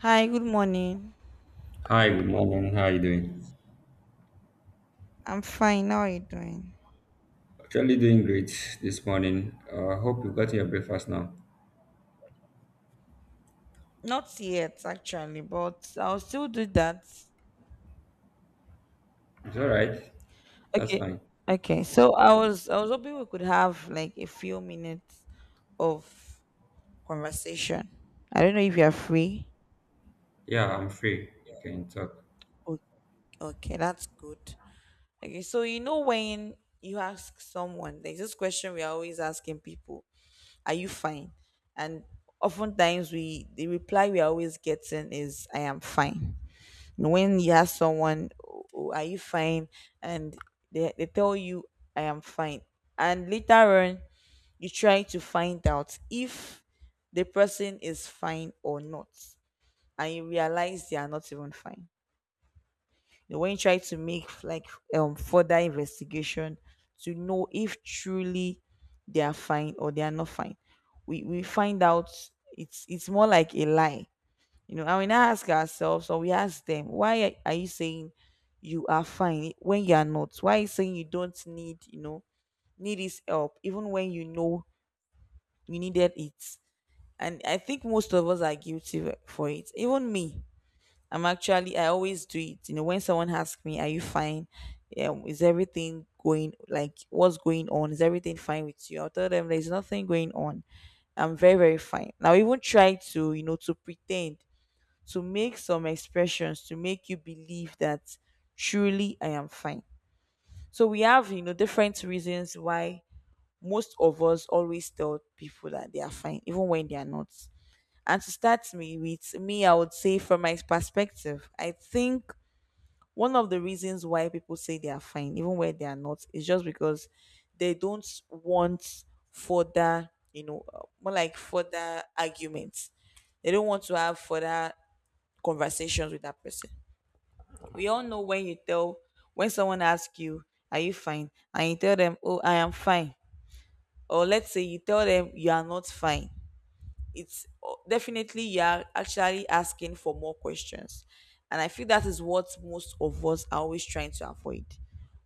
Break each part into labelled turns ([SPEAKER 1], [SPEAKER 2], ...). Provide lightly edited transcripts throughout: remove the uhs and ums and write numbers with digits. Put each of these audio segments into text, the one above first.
[SPEAKER 1] Hi, good morning.
[SPEAKER 2] Hi, good morning. How are you doing?
[SPEAKER 1] I'm fine. How are you doing?
[SPEAKER 2] Actually, doing great this morning. I hope you got your breakfast now.
[SPEAKER 1] Not yet, actually, but I'll still do that.
[SPEAKER 2] It's all right. That's
[SPEAKER 1] Okay.
[SPEAKER 2] fine.
[SPEAKER 1] Okay. So I was hoping we could have like a few minutes of conversation. I don't know if you're free.
[SPEAKER 2] Yeah, I'm free. We can talk.
[SPEAKER 1] O- Okay, that's good. Okay, so you know when you ask someone, there's this question we are always asking people, are you fine? And oftentimes we the reply we are always getting is I am fine. When you ask someone, "Oh, are you fine?" And they tell you I am fine. And later on you try to find out if the person is fine or not, and you realize they are not even fine. You know, when you try to make like further investigation to know if truly they are fine or they are not fine, we find out it's more like a lie, you know. And we now ask ourselves, or we ask them, why are you saying you are fine when you are not? Why are you saying you don't need, you know, need this help, even when you know you needed it? And I think most of us are guilty for it. Even me, I'm actually, I always do it. You know, when someone asks me, are you fine? Yeah, is everything going, like, what's going on? Is everything fine with you? I'll tell them there's nothing going on. I'm very, very fine. Now, I even try to, you know, to pretend, to make some expressions to make you believe that truly I am fine. So we have, you know, different reasons why most of us always tell people that they are fine, even when they are not. And to start me with me, I would say from my perspective, I think one of the reasons why people say they are fine, even when they are not, is just because they don't want further, you know, more like further arguments. They don't want to have further conversations with that person. We all know when you tell, when someone asks you, are you fine? And you tell them, oh, I am fine. Or let's say you tell them you are not fine. It's definitely, you are actually asking for more questions. And I feel that is what most of us are always trying to avoid.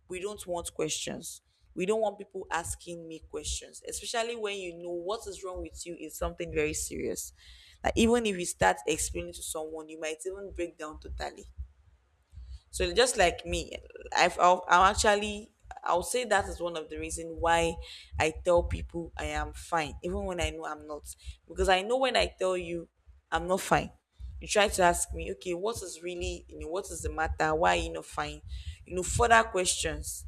[SPEAKER 1] We don't want questions. We don't want people asking me questions, especially when you know what is wrong with you is something very serious. Like even if you start explaining to someone, you might even break down totally. So just like me, I'll actually, I'll say that is one of the reasons why I tell people I am fine, even when I know I'm not. Because I know when I tell you I'm not fine, you try to ask me, okay, what is really, you know, what is the matter? Why are you not fine? You know, further questions.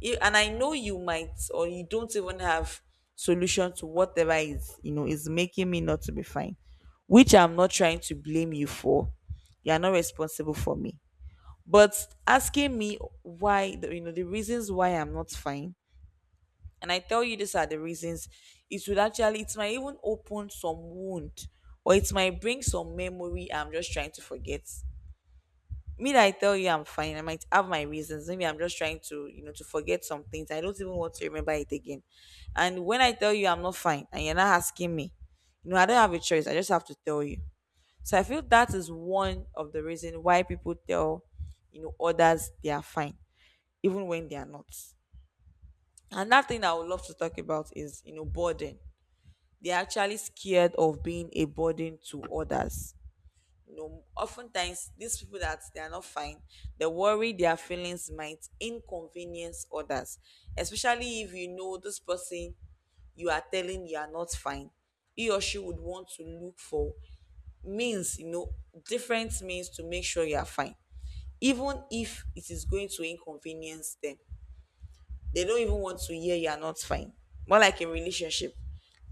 [SPEAKER 1] And I know you might, or you don't even have solution to whatever is, you know, is making me not to be fine, which I'm not trying to blame you for. You are not responsible for me, but asking me why the, you know the reasons why I'm not fine, and I tell you these are the reasons, it would actually, it might even open some wound, or it might bring some memory I'm just trying to forget. Me, that I tell you I'm fine, I might have my reasons. Maybe I'm just trying to, you know, to forget some things I don't even want to remember it again. And when I tell you I'm not fine and you're not asking me, you know, I don't have a choice. I just have to tell you. So I feel that is one of the reasons why people tell, you know, others they are fine, even when they are not. Another thing I would love to talk about is, you know, burden. They're actually scared of being a burden to others. You know, oftentimes these people that they are not fine, they worry their feelings might inconvenience others, especially if you know this person you are telling you are not fine. He or she would want to look for means, you know, different means to make sure you are fine, even if it is going to inconvenience them. They don't even want to hear you are not fine. More like in relationship.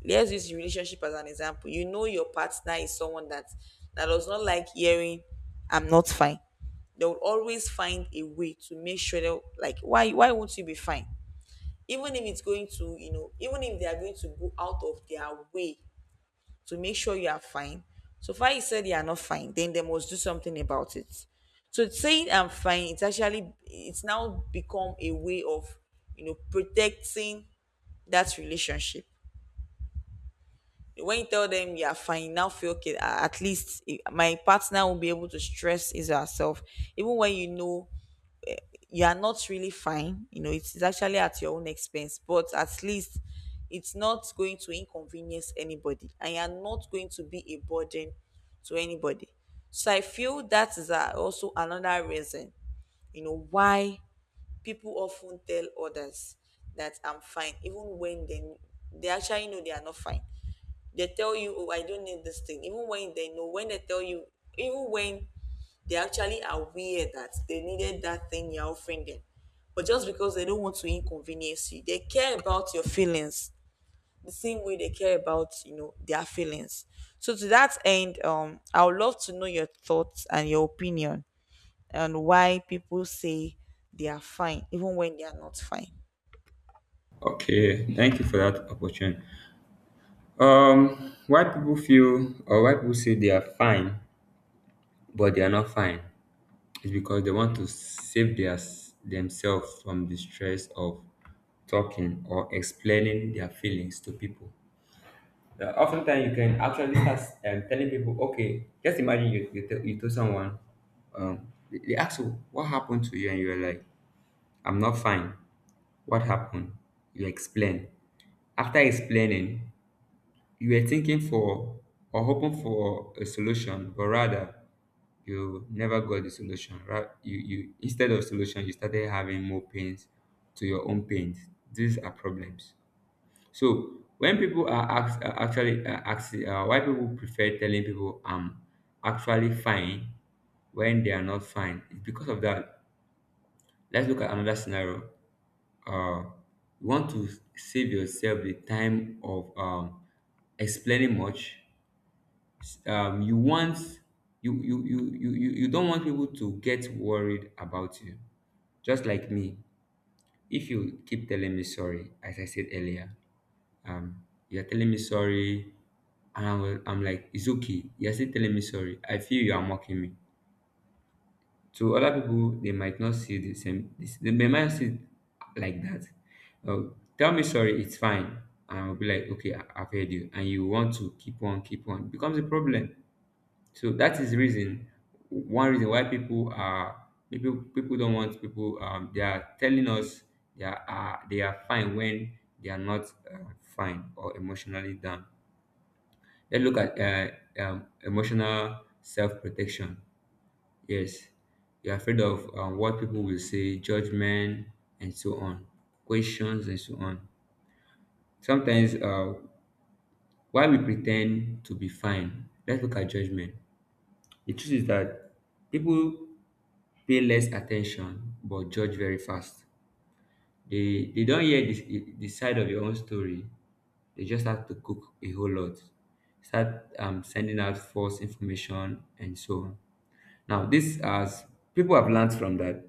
[SPEAKER 1] Let's use relationship as an example. You know your partner is someone that that does not like hearing I'm not fine. They will always find a way to make sure that, like, why won't you be fine? Even if it's going to, you know, even if they are going to go out of their way to make sure you are fine. So far, you said you are not fine, then they must do something about it. So saying I'm fine, it's actually, it's now become a way of, you know, protecting that relationship. When you tell them you are fine, now feel okay. Ah, at least, eh, my partner will be able to stress is herself, even when you know you are not really fine. You know, it's actually at your own expense, but at least it's not going to inconvenience anybody and you're not going to be a burden to anybody. So I feel that is also another reason, you know, why people often tell others that I'm fine, even when they actually know they are not fine. They tell you, oh, I don't need this thing, even when they know, when they tell you, even when they're actually aware that they needed that thing you're offering them. But just because they don't want to inconvenience you, they care about your feelings the same way they care about, you know, their feelings. So to that end, I would love to know your thoughts and your opinion on why people say they are fine, even when they are not fine.
[SPEAKER 2] Okay, thank you for that opportunity. Why people feel, or why people say they are fine but they are not fine, is because they want to save their themselves from the stress of talking or explaining their feelings to people. Yeah, oftentimes you can actually start telling people, okay, just imagine you told someone, they ask you what happened to you, and you're like, "I'm not fine. What happened?" You explain. After explaining, you were thinking for or hoping for a solution, but rather you never got the solution. Right? You instead of solution, you started having more pains to your own pains. These are problems. So when people are asked, actually asked why people prefer telling people I'm actually fine when they are not fine, it's because of that. Let's look at another scenario. Uh, you want to save yourself the time of explaining much. You want you you, you you you you don't want people to get worried about you. Just like me, if you keep telling me sorry, as I said earlier, um, you're telling me sorry. And I'm like, it's okay. You're still telling me sorry. I feel you are mocking me. To other people, they might not see the same. They might not see it like that. Oh, tell me sorry, it's fine. And I'll be like, okay, I've heard you. And you want to keep on, keep on. It becomes a problem. So that is the reason, one reason why people don't want people, they are telling us they are fine when they are not fine or emotionally down. Let's look at emotional self protection. Yes, you're afraid of what people will say, judgment, and so on, questions, and so on. Sometimes, why we pretend to be fine, let's look at judgment. The truth is that people pay less attention but judge very fast. They don't hear the side of your own story, they just have to cook a whole lot, start sending out false information and so on. Now, this as people have learned from that,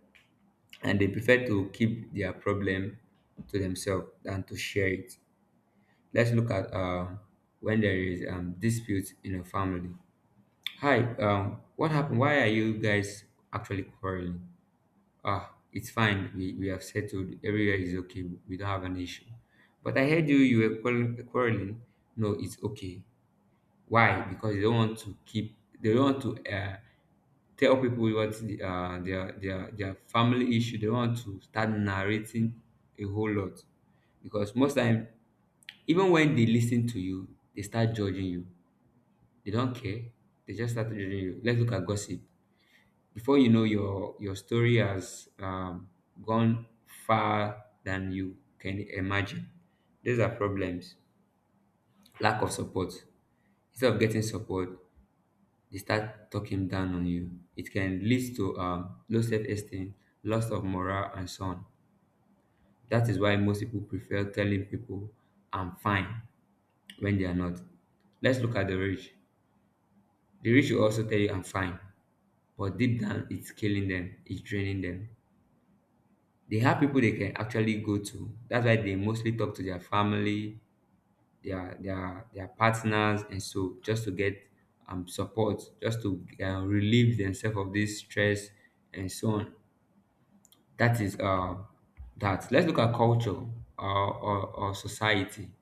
[SPEAKER 2] and they prefer to keep their problem to themselves than to share it. Let's look at when there is dispute in a family. "Hi, what happened? Why are you guys actually quarreling?" "Ah, it's fine. We have settled. Everywhere is okay. We don't have an issue." "But I heard you, you were quarreling." "No, it's okay." Why? Because they don't want to they don't want to uh, tell people what their their family issue. They don't want to start narrating a whole lot, because most time, even when they listen to you, they start judging you. They don't care. They just start judging you. Let's look at gossip. Before you know, your story has gone far than you can imagine. These are problems. Lack of support. Instead of getting support, they start talking down on you. It can lead to low self esteem, loss of morale, and so on. That is why most people prefer telling people I'm fine when they are not. Let's look at the rich. The rich will also tell you I'm fine, but deep down it's killing them, it's draining them. They have people they can actually go to. That's why they mostly talk to their family, their partners, and so, just to get support, just to relieve themselves of this stress and so on. That is that. Let's look at culture, or, or society.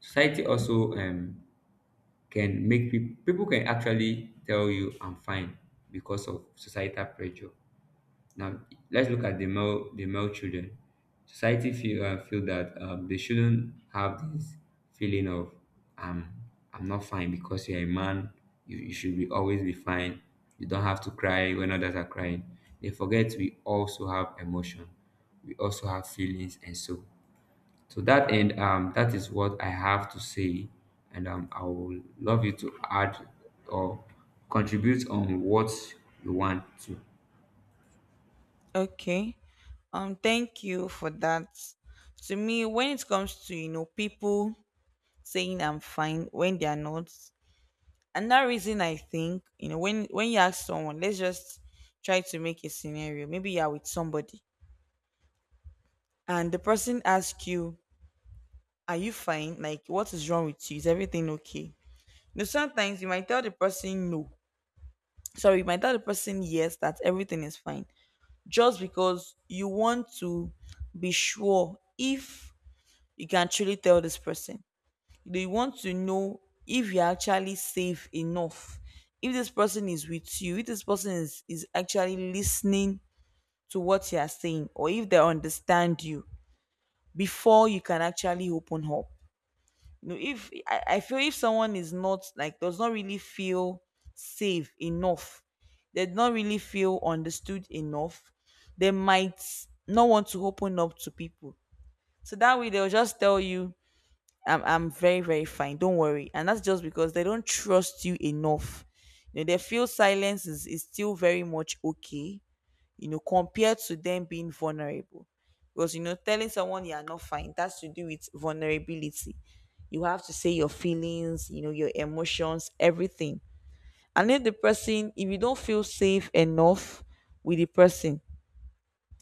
[SPEAKER 2] Society also can make people can actually tell you I'm fine because of societal pressure. Now let's look at the male children. Society feel that they shouldn't have this feeling of um "I'm not fine" because you're a man. You should be always be fine. You don't have to cry when others are crying. They forget we also have emotion. We also have feelings. And so, to that end, that is what I have to say, and I would love you to add or contribute on what you want to.
[SPEAKER 1] Okay. Thank you for that. To me, when it comes to, you know, people saying I'm fine when they are not, another reason I think, you know, when you ask someone, let's just try to make a scenario. Maybe you are with somebody, and the person asks you, are you fine, like, what is wrong with you, is everything okay? Now, sometimes you might tell the person no, sorry, you might tell the person yes, that everything is fine, just because you want to be sure if you can truly tell this person. They want to know if you're actually safe enough, if this person is with you, if this person is actually listening to what you're saying, or if they understand you, before you can actually open up. You know, if I feel if someone is not, like, does not really feel safe enough, they do not really feel understood enough, they might not want to open up to people. So that way, they'll just tell you, I'm very, very fine. Don't worry." And that's just because they don't trust you enough. You know, they feel silence is still very much okay. You know, compared to them being vulnerable, because you know, telling someone you are not fine, that's to do with vulnerability. You have to say your feelings, you know, your emotions, everything. And if the person, if you don't feel safe enough with the person,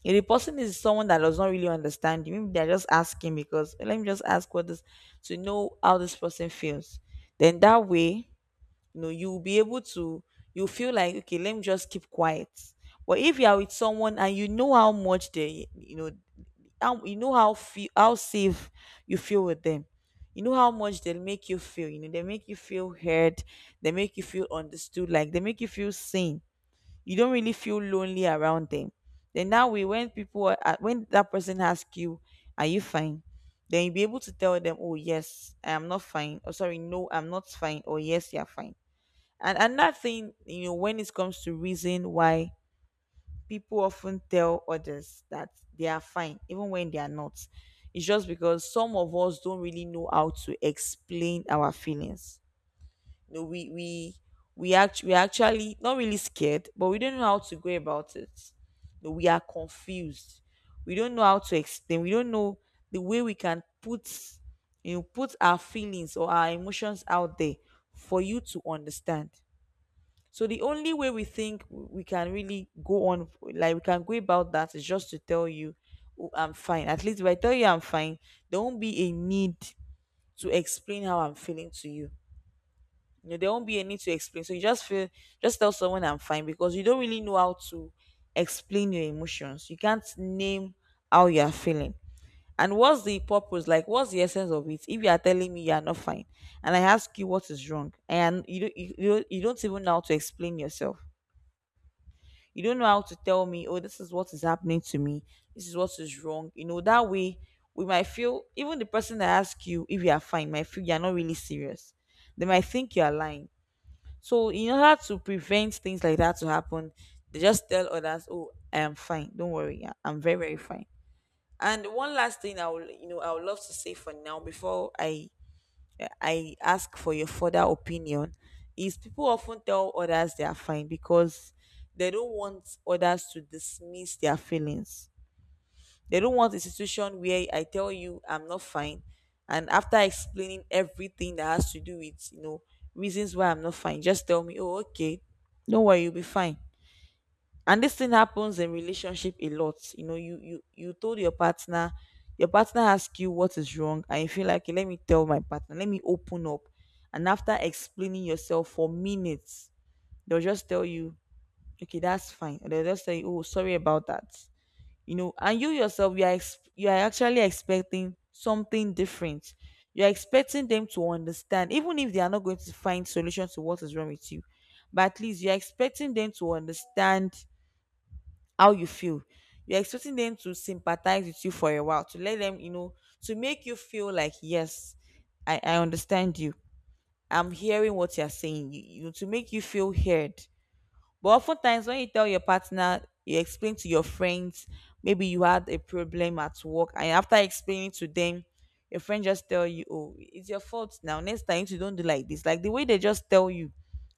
[SPEAKER 1] if the person is someone that does not really understand you, maybe they're just asking because, "Eh, let me just ask what this to know how this person feels." Then that way, you know, you'll be able to, you feel like, okay, let me just keep quiet. But if you are with someone and you know how much they, you know how, you know how feel, how safe you feel with them. You know how much they'll make you feel. You know, they make you feel heard, they make you feel understood, like they make you feel seen, you don't really feel lonely around them. Then that way, when when that person asks you, "Are you fine?" Then you'll be able to tell them, "Oh yes, I am not fine," or "Sorry, no, I'm not fine," or "Yes, you're fine." And another thing, you know, when it comes to reason why people often tell others that they are fine, even when they are not, it's just because some of us don't really know how to explain our feelings. No, we actually not really scared, but we don't know how to go about it. No, we are confused. We don't know how to explain. We don't know the way we can put, you know, put our feelings or our emotions out there for you to understand. So the only way we think we can really go on, like we can go about that, is just to tell you, oh, I'm fine. At least if I tell you I'm fine, there won't be a need to explain how I'm feeling to you you know, There won't be a need to explain. So you just feel, just tell someone I'm fine because you don't really know how to explain your emotions. You can't name how you are feeling. And what's the purpose? Like, what's the essence of it? If you are telling me you are not fine, and I ask you what is wrong, and you don't even know how to explain yourself. You don't know how to tell me, oh, this is what is happening to me. This is what is wrong. You know, that way we might feel, even the person that asks you if you are fine might feel you are not really serious. They might think you are lying, so in order to prevent things like that to happen, they just tell others, "Oh, I am fine. Don't worry. I'm very very fine." And one last thing I will, you know, I would love to say for now before I ask for your further opinion is, people often tell others they are fine because they don't want others to dismiss their feelings. They don't want a situation where I tell you I'm not fine, and after explaining everything that has to do with, reasons why I'm not fine, just tell me, oh okay, don't worry, you'll be fine. And this thing happens in relationship a lot. You know, you told your partner asks you what is wrong, and you feel like, "Okay, let me tell my partner, let me open up." And after explaining yourself for minutes, they'll just tell you, okay, that's fine. And they'll just say, oh, sorry about that. And you yourself, you are you are actually expecting something different. You are expecting them to understand, even if they are not going to find solution to what is wrong with you, but at least you are expecting them to understand how you feel. You're expecting them to sympathize with you for a while, to let them, to make you feel like, yes, I understand you. I'm hearing what you're saying, to make you feel heard. But oftentimes, when you tell your partner, you explain to your friends, maybe you had a problem at work, and after explaining to them, your friend just tell you, "Oh, it's your fault now. Next time, you don't do like this." Like the way they just tell you,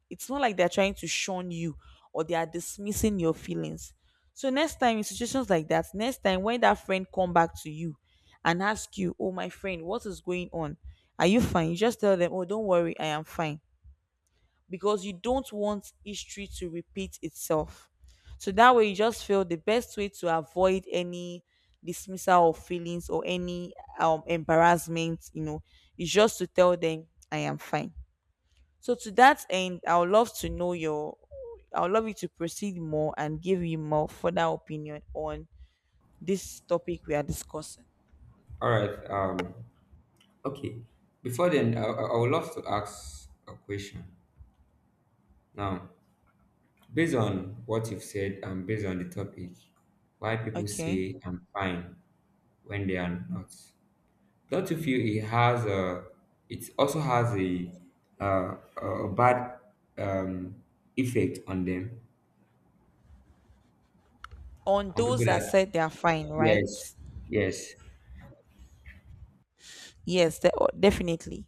[SPEAKER 1] it's not like they're trying to shun you or they are dismissing your feelings. So next time, in situations like that, next time when that friend come back to you and ask you, "Oh, my friend, what is going on? Are you fine?" You just tell them, "Oh, don't worry, I am fine." Because you don't want history to repeat itself. So that way, you just feel the best way to avoid any dismissal of feelings or any embarrassment, is just to tell them, I am fine. So to that end, I would love to know your, I would love you to proceed more and give you more further opinion on this topic we are discussing.
[SPEAKER 2] All right. Okay, before then, I would love to ask a question. Now, based on what you've said and based on the topic, why people
[SPEAKER 1] Okay.
[SPEAKER 2] say I'm fine when they are not, don't you feel it also has a, uh, a bad um, effect on them,
[SPEAKER 1] On
[SPEAKER 2] on people
[SPEAKER 1] those that
[SPEAKER 2] that?
[SPEAKER 1] said they are fine, right?
[SPEAKER 2] Yes, yes.
[SPEAKER 1] Yes, they, oh, definitely.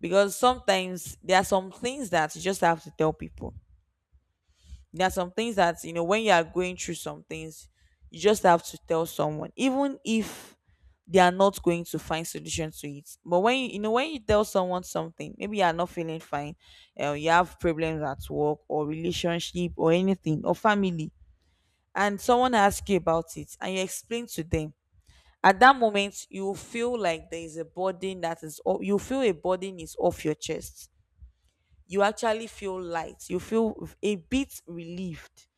[SPEAKER 1] Because sometimes there are some things that you just have to tell people. There are some things that, you know, when you are going through some things, you just have to tell someone, even if they are not going to find solution to it. But when you know, when you tell someone something, maybe you are not feeling fine, you have problems at work or relationship or anything or family, and someone asks you about it and you explain to them. At that moment, you will feel like there is a burden that is, you feel a burden is off your chest. You actually feel light. You feel a bit relieved.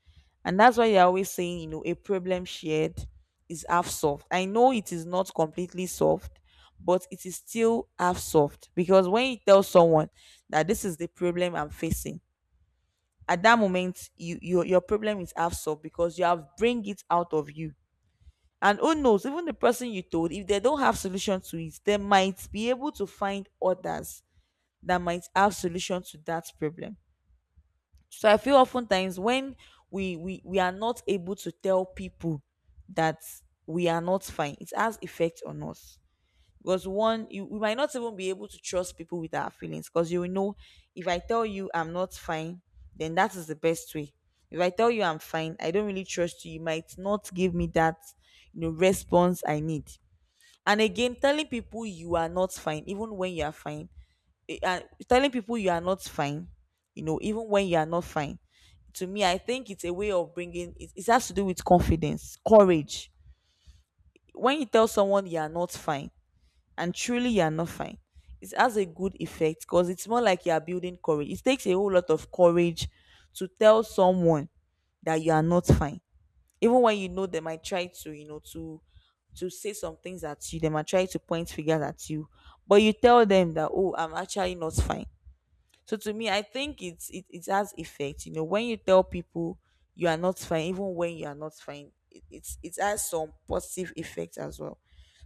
[SPEAKER 1] And that's why they're always saying, you know, a problem shared is half solved. I know it is not completely solved, but it is still half solved. Because when you tell someone that this is the problem I'm facing, at that moment, you your problem is half solved because you have bring it out of you. And who knows, even the person you told, if they don't have solution to it, they might be able to find others that might have solution to that problem. So I feel oftentimes when we are not able to tell people that we are not fine, it has effect on us. Because one, you, we might not even be able to trust people with our feelings. Because you will know, if I tell you I'm not fine, then that is the best way. If I tell you I'm fine, I don't really trust you. You might not give me that, response I need. And again, telling people you are not fine, even when you are fine, and telling people you are not fine, you know, even when you are not fine, to me, I think it's a way of bringing it, it has to do with confidence, courage. When you tell someone you are not fine, and truly you are not fine, it has a good effect because it's more like you are building courage. It takes a whole lot of courage to tell someone that you are not fine, even when you know they might try to, to say some things at you, they might try to point fingers at you, but you tell them that, oh, I'm actually not fine. So to me, I think it's it, it has effect. You know, when you tell people you are not fine, even when you are not fine, it, it's it has some positive effect as well.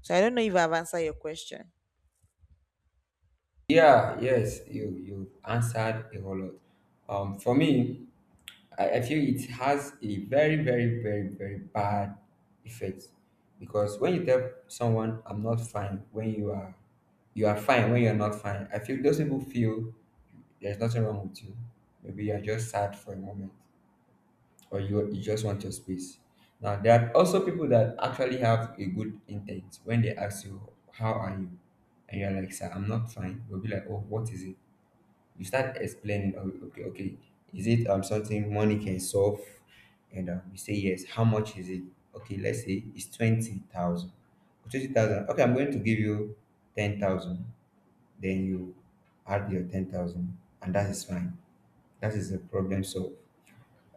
[SPEAKER 1] So I don't know if I've answered your question.
[SPEAKER 2] Yeah, yes, you answered a whole lot. For me, I feel it has a very, very, very, very bad effect. Because when you tell someone I'm not fine, when you are fine when you're not fine, I feel those people feel there's nothing wrong with you. Maybe you're just sad for a moment, or you just want your space. Now there are also people that actually have a good intent, when they ask you, "How are you?" and you're like, "Sir, I'm not fine." They'll be like, "Oh, what is it?" You start explaining. Oh, okay, is it something money can solve? And you say, yes. How much is it? Okay, let's say it's 20,000. 20,000. Okay, I'm going to give you 10,000. Then you add your 10,000, and that is fine. That is a problem solved.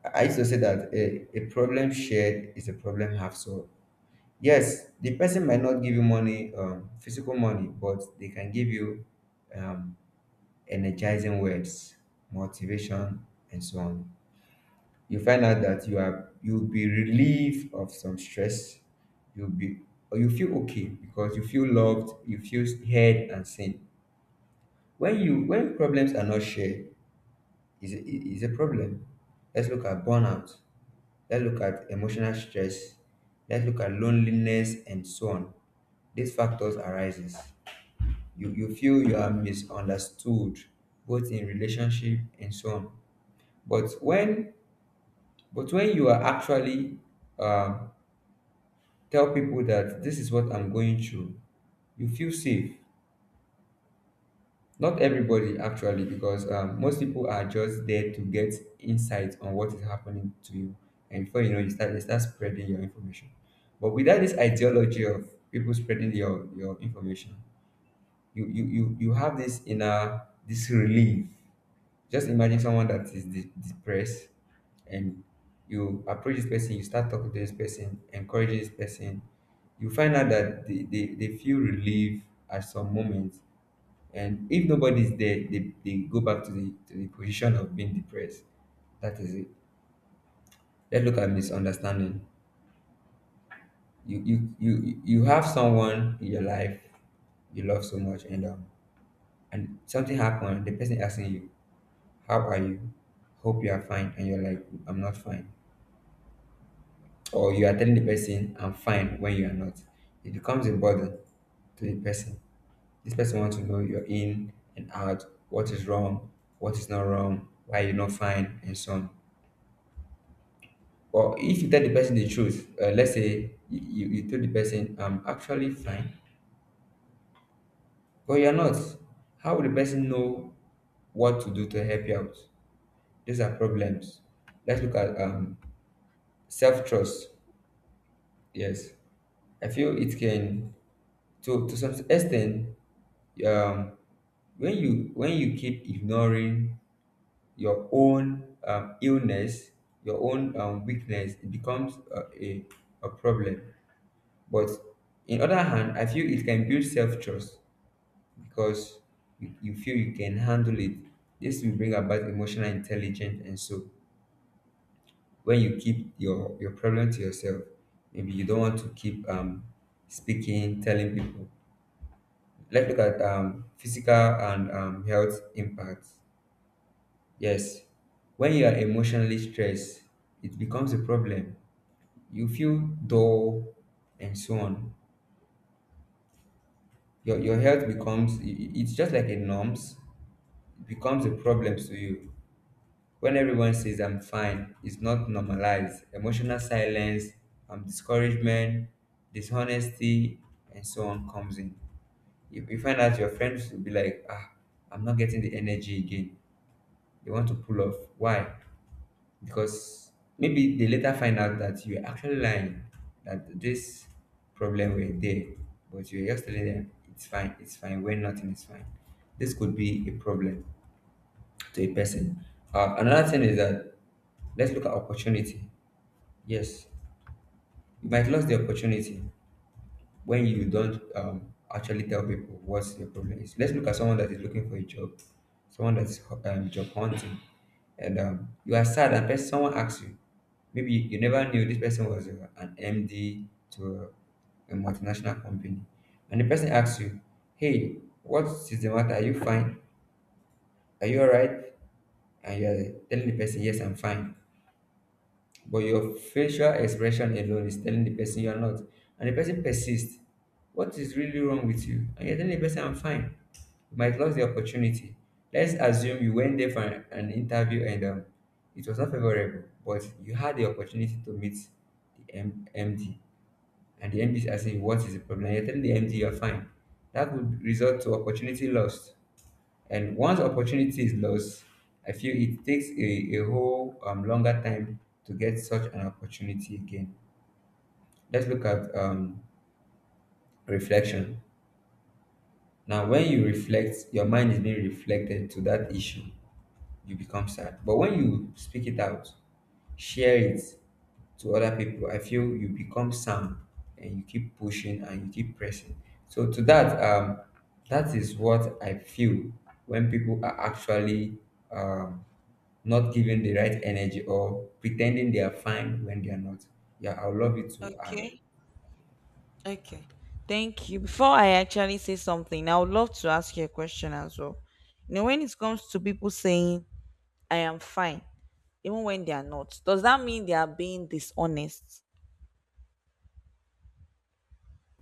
[SPEAKER 2] I used to say that a problem shared is a problem half solved. Yes, the person might not give you money, physical money, but they can give you um, energizing words, motivation, and so on. You find out that you'll be relieved of some stress. You'll be or you feel okay, because you feel loved, you feel heard and seen. When problems are not shared, is a problem. Let's look at burnout. Let's look at emotional stress. Let's look at loneliness and so on. These factors arises. You feel you are misunderstood, both in relationship and so on. But when you are actually, um, tell people that this is what I'm going through, you feel safe. Not everybody actually, because most people are just there to get insight on what is happening to you, and before you know, you start they start spreading your information. But without this ideology of people spreading your information, you have this relief. Just imagine someone that is depressed, and you approach this person, you start talking to this person, encouraging this person. You find out that they feel relief at some moments. And if nobody's there, they go back to the position of being depressed. That is it. Let's look at misunderstanding. You have someone in your life you love so much, and something happened. The person asking you, "How are you? Hope you are fine," and you're like, "I'm not fine," or you are telling the person "I'm fine" when you are not. It becomes a burden to the person. This person wants to know your in and out: what is wrong, what is not wrong, why you're not fine, and so on. Or if you tell the person the truth, let's say you tell the person "I'm actually fine," but you're not, how will the person know what to do to help you out? These are problems. Let's look at self trust. Yes, I feel it can, to some extent, um, when you keep ignoring your own illness, your own weakness, it becomes a problem. But in other hand, I feel it can build self-trust, because you feel you can handle it. This will bring about emotional intelligence. And so, when you keep your problem to yourself, maybe you don't want to keep speaking telling people. Let's look at physical and health impacts. Yes, when you are emotionally stressed, it becomes a problem. You feel dull and so on. Your health becomes, it's just like a norms, it becomes a problem to you. When everyone says, I'm fine, it's not normalized. Emotional silence, discouragement, dishonesty, and so on comes in. You find out your friends will be like, ah, I'm not getting the energy again. They want to pull off. Why? Because maybe they later find out that you're actually lying, that this problem were there, but you're just telling them it's fine, when nothing is fine. This could be a problem to a person. Another thing is that, let's look at opportunity. Yes, you might lose the opportunity when you don't actually tell people what your problem is. Let's look at someone that is looking for a job, someone that is job hunting, and you are sad, and someone asks you. Maybe you never knew this person was an MD to a multinational company, and the person asks you, "Hey, what is the matter? Are you fine? Are you all right?" And you are telling the person, "Yes, I'm fine," but your facial expression alone is telling the person you're not, and the person persists, what is really wrong with you, and you're telling the person I'm fine, you might lose the opportunity. Let's assume you went there for an interview, and it was not favorable, but you had the opportunity to meet the MD. And the MD is asking what is the problem, you're telling the MD you're fine, that would result to opportunity lost. And once opportunity is lost, I feel it takes a whole longer time to get such an opportunity again. Let's look at reflection. Now, when you reflect, your mind is being reflected to that issue, you become sad. But when you speak it out, share it to other people, I feel you become calm, and you keep pushing and you keep pressing. So to that, that is what I feel when people are actually um, not giving the right energy or pretending they are fine when they are not. Yeah, I would love you to add.
[SPEAKER 1] Okay. Okay. Thank you. Before I actually say something, I would love to ask you a question as well. You know, when it comes to people saying, I am fine, even when they are not, does that mean they are being dishonest?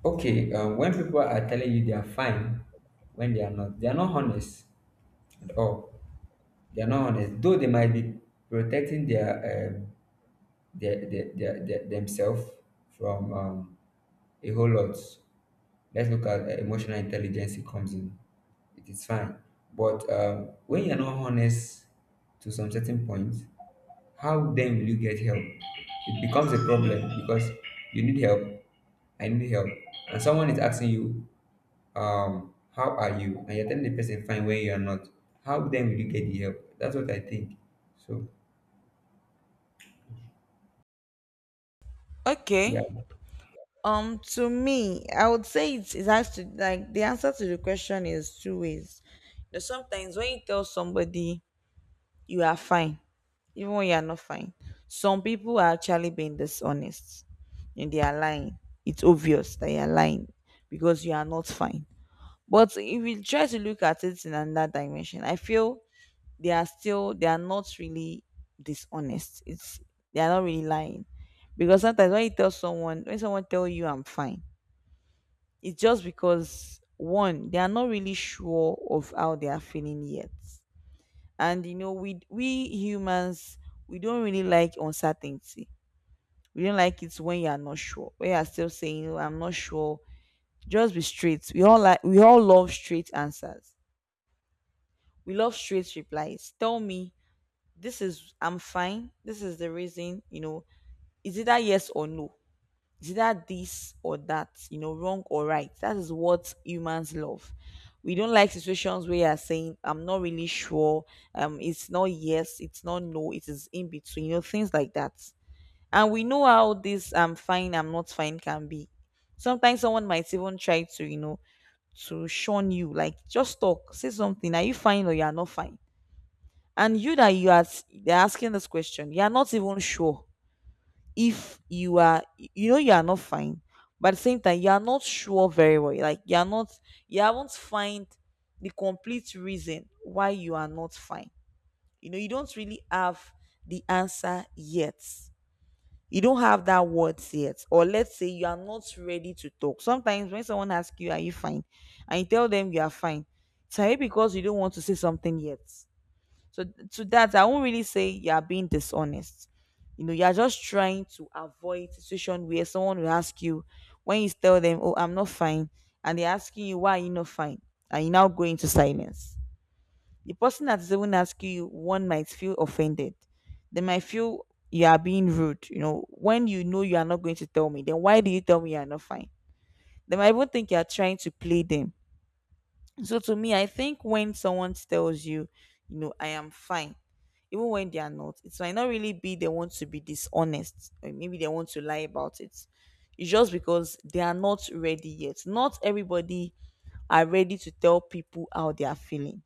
[SPEAKER 2] Okay, when people are telling you they are fine when they are not honest at all. They are not honest, though they might be protecting their themselves from a whole lot. Let's look at emotional intelligence. It comes in. It is fine, but when you are not honest to some certain point, how then will you get help? It becomes a problem, because you need help. I need help, and someone is asking you, how are you? And you're telling the person fine when you are not. How then will you get the help? That's what I think. So yeah,
[SPEAKER 1] Okay.
[SPEAKER 2] all
[SPEAKER 1] To me, I would say it's it has to, like, the answer to the question is two ways. You know, sometimes when you tell somebody you are fine, even when you are not fine, some people are actually being dishonest and they are lying. It's obvious that you are lying because you are not fine. But if you try to look at it in another dimension, I feel they are still they are not really dishonest. It's they are not really lying. Because sometimes when you tell someone, when someone tell you I'm fine, it's just because one, they are not really sure of how they are feeling yet. And you know, we humans, we don't really like uncertainty. We don't like it when you are not sure. When you are still saying, "Oh, I'm not sure." Just be straight. We all love straight answers. We love straight replies. Tell me this is I'm fine. This is the reason, you know, is it either yes or no. It's either this or that, you know, wrong or right. That is what humans love. We don't like situations where you're saying, I'm not really sure. It's not yes, it's not no, it is in between, you know, things like that. And we know how this I'm fine, I'm not fine can be. Sometimes someone might even try to, you know, to shun you, like just talk, say something. Are you fine or you are not fine? And you that you are, they're asking this question, you are not even sure if you are, you know, you are not fine, but at the same time you are not sure very well, like you are not, you haven't find the complete reason why you are not fine. You know, you don't really have the answer yet, you don't have that words yet. Or let's say you are not ready to talk. Sometimes when someone asks you, are you fine, and you tell them you are fine, it's maybe because you don't want to say something yet. So to that, I won't really say you are being dishonest. You know, you are just trying to avoid situation where someone will ask you, when you tell them, "Oh, I'm not fine," and they're asking you, "Why are you not fine?" and you now go into silence. The person that is even asking you, one might feel offended. They might feel you are being rude. You know, when you know you are not going to tell me, then why do you tell me you are not fine? They might even think you are trying to play them. So to me, I think when someone tells you, you know, I am fine, even when they are not, it might not really be they want to be dishonest or maybe they want to lie about it. It's just because they are not ready yet. Not everybody are ready to tell people how they are feeling.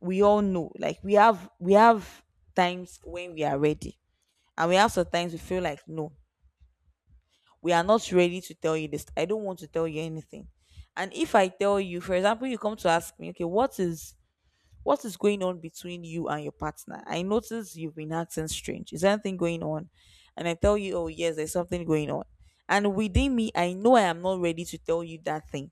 [SPEAKER 1] We all know, like we have times when we are ready. And we have sometimes we feel like, no, we are not ready to tell you this. I don't want to tell you anything. And if I tell you, for example, you come to ask me, okay, what is going on between you and your partner? I notice you've been acting strange. Is there anything going on? And I tell you, oh, yes, there's something going on. And within me, I know I am not ready to tell you that thing.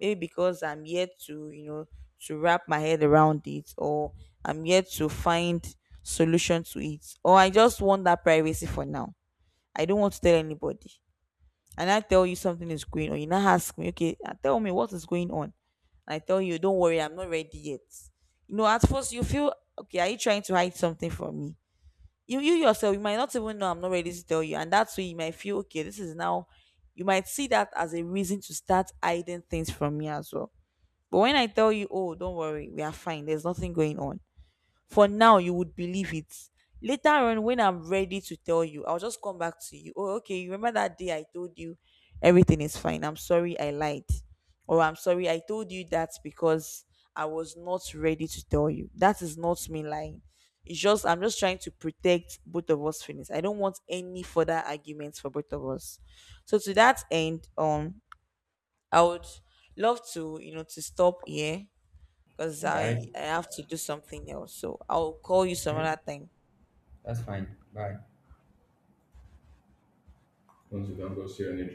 [SPEAKER 1] Maybe because I'm yet to, you know, to wrap my head around it, or I'm yet to find solution to it, or I just want that privacy for now. I don't want to tell anybody, and I tell you something is going on, you now ask me, okay, tell me what is going on. I tell you, don't worry, I'm not ready yet. You know, at first you feel, okay, are you trying to hide something from me? You yourself, you might not even know I'm not ready to tell you, and that's why you might feel, okay, this is now. You might see that as a reason to start hiding things from me as well. But when I tell you, oh, don't worry, we are fine. There's nothing going on for now, you would believe it. Later on, when I'm ready to tell you, I'll just come back to you. Oh, okay. You remember that day I told you everything is fine. I'm sorry I lied. Or I'm sorry I told you that because I was not ready to tell you. That is not me lying. It's just, I'm just trying to protect both of us' feelings. I don't want any further arguments for both of us. So, to that end, I would love to, you know, to stop here because
[SPEAKER 2] right,
[SPEAKER 1] I have to do something else. So I'll call you some
[SPEAKER 2] okay,
[SPEAKER 1] other time.
[SPEAKER 2] that's fine. Bye. Once you don't go see any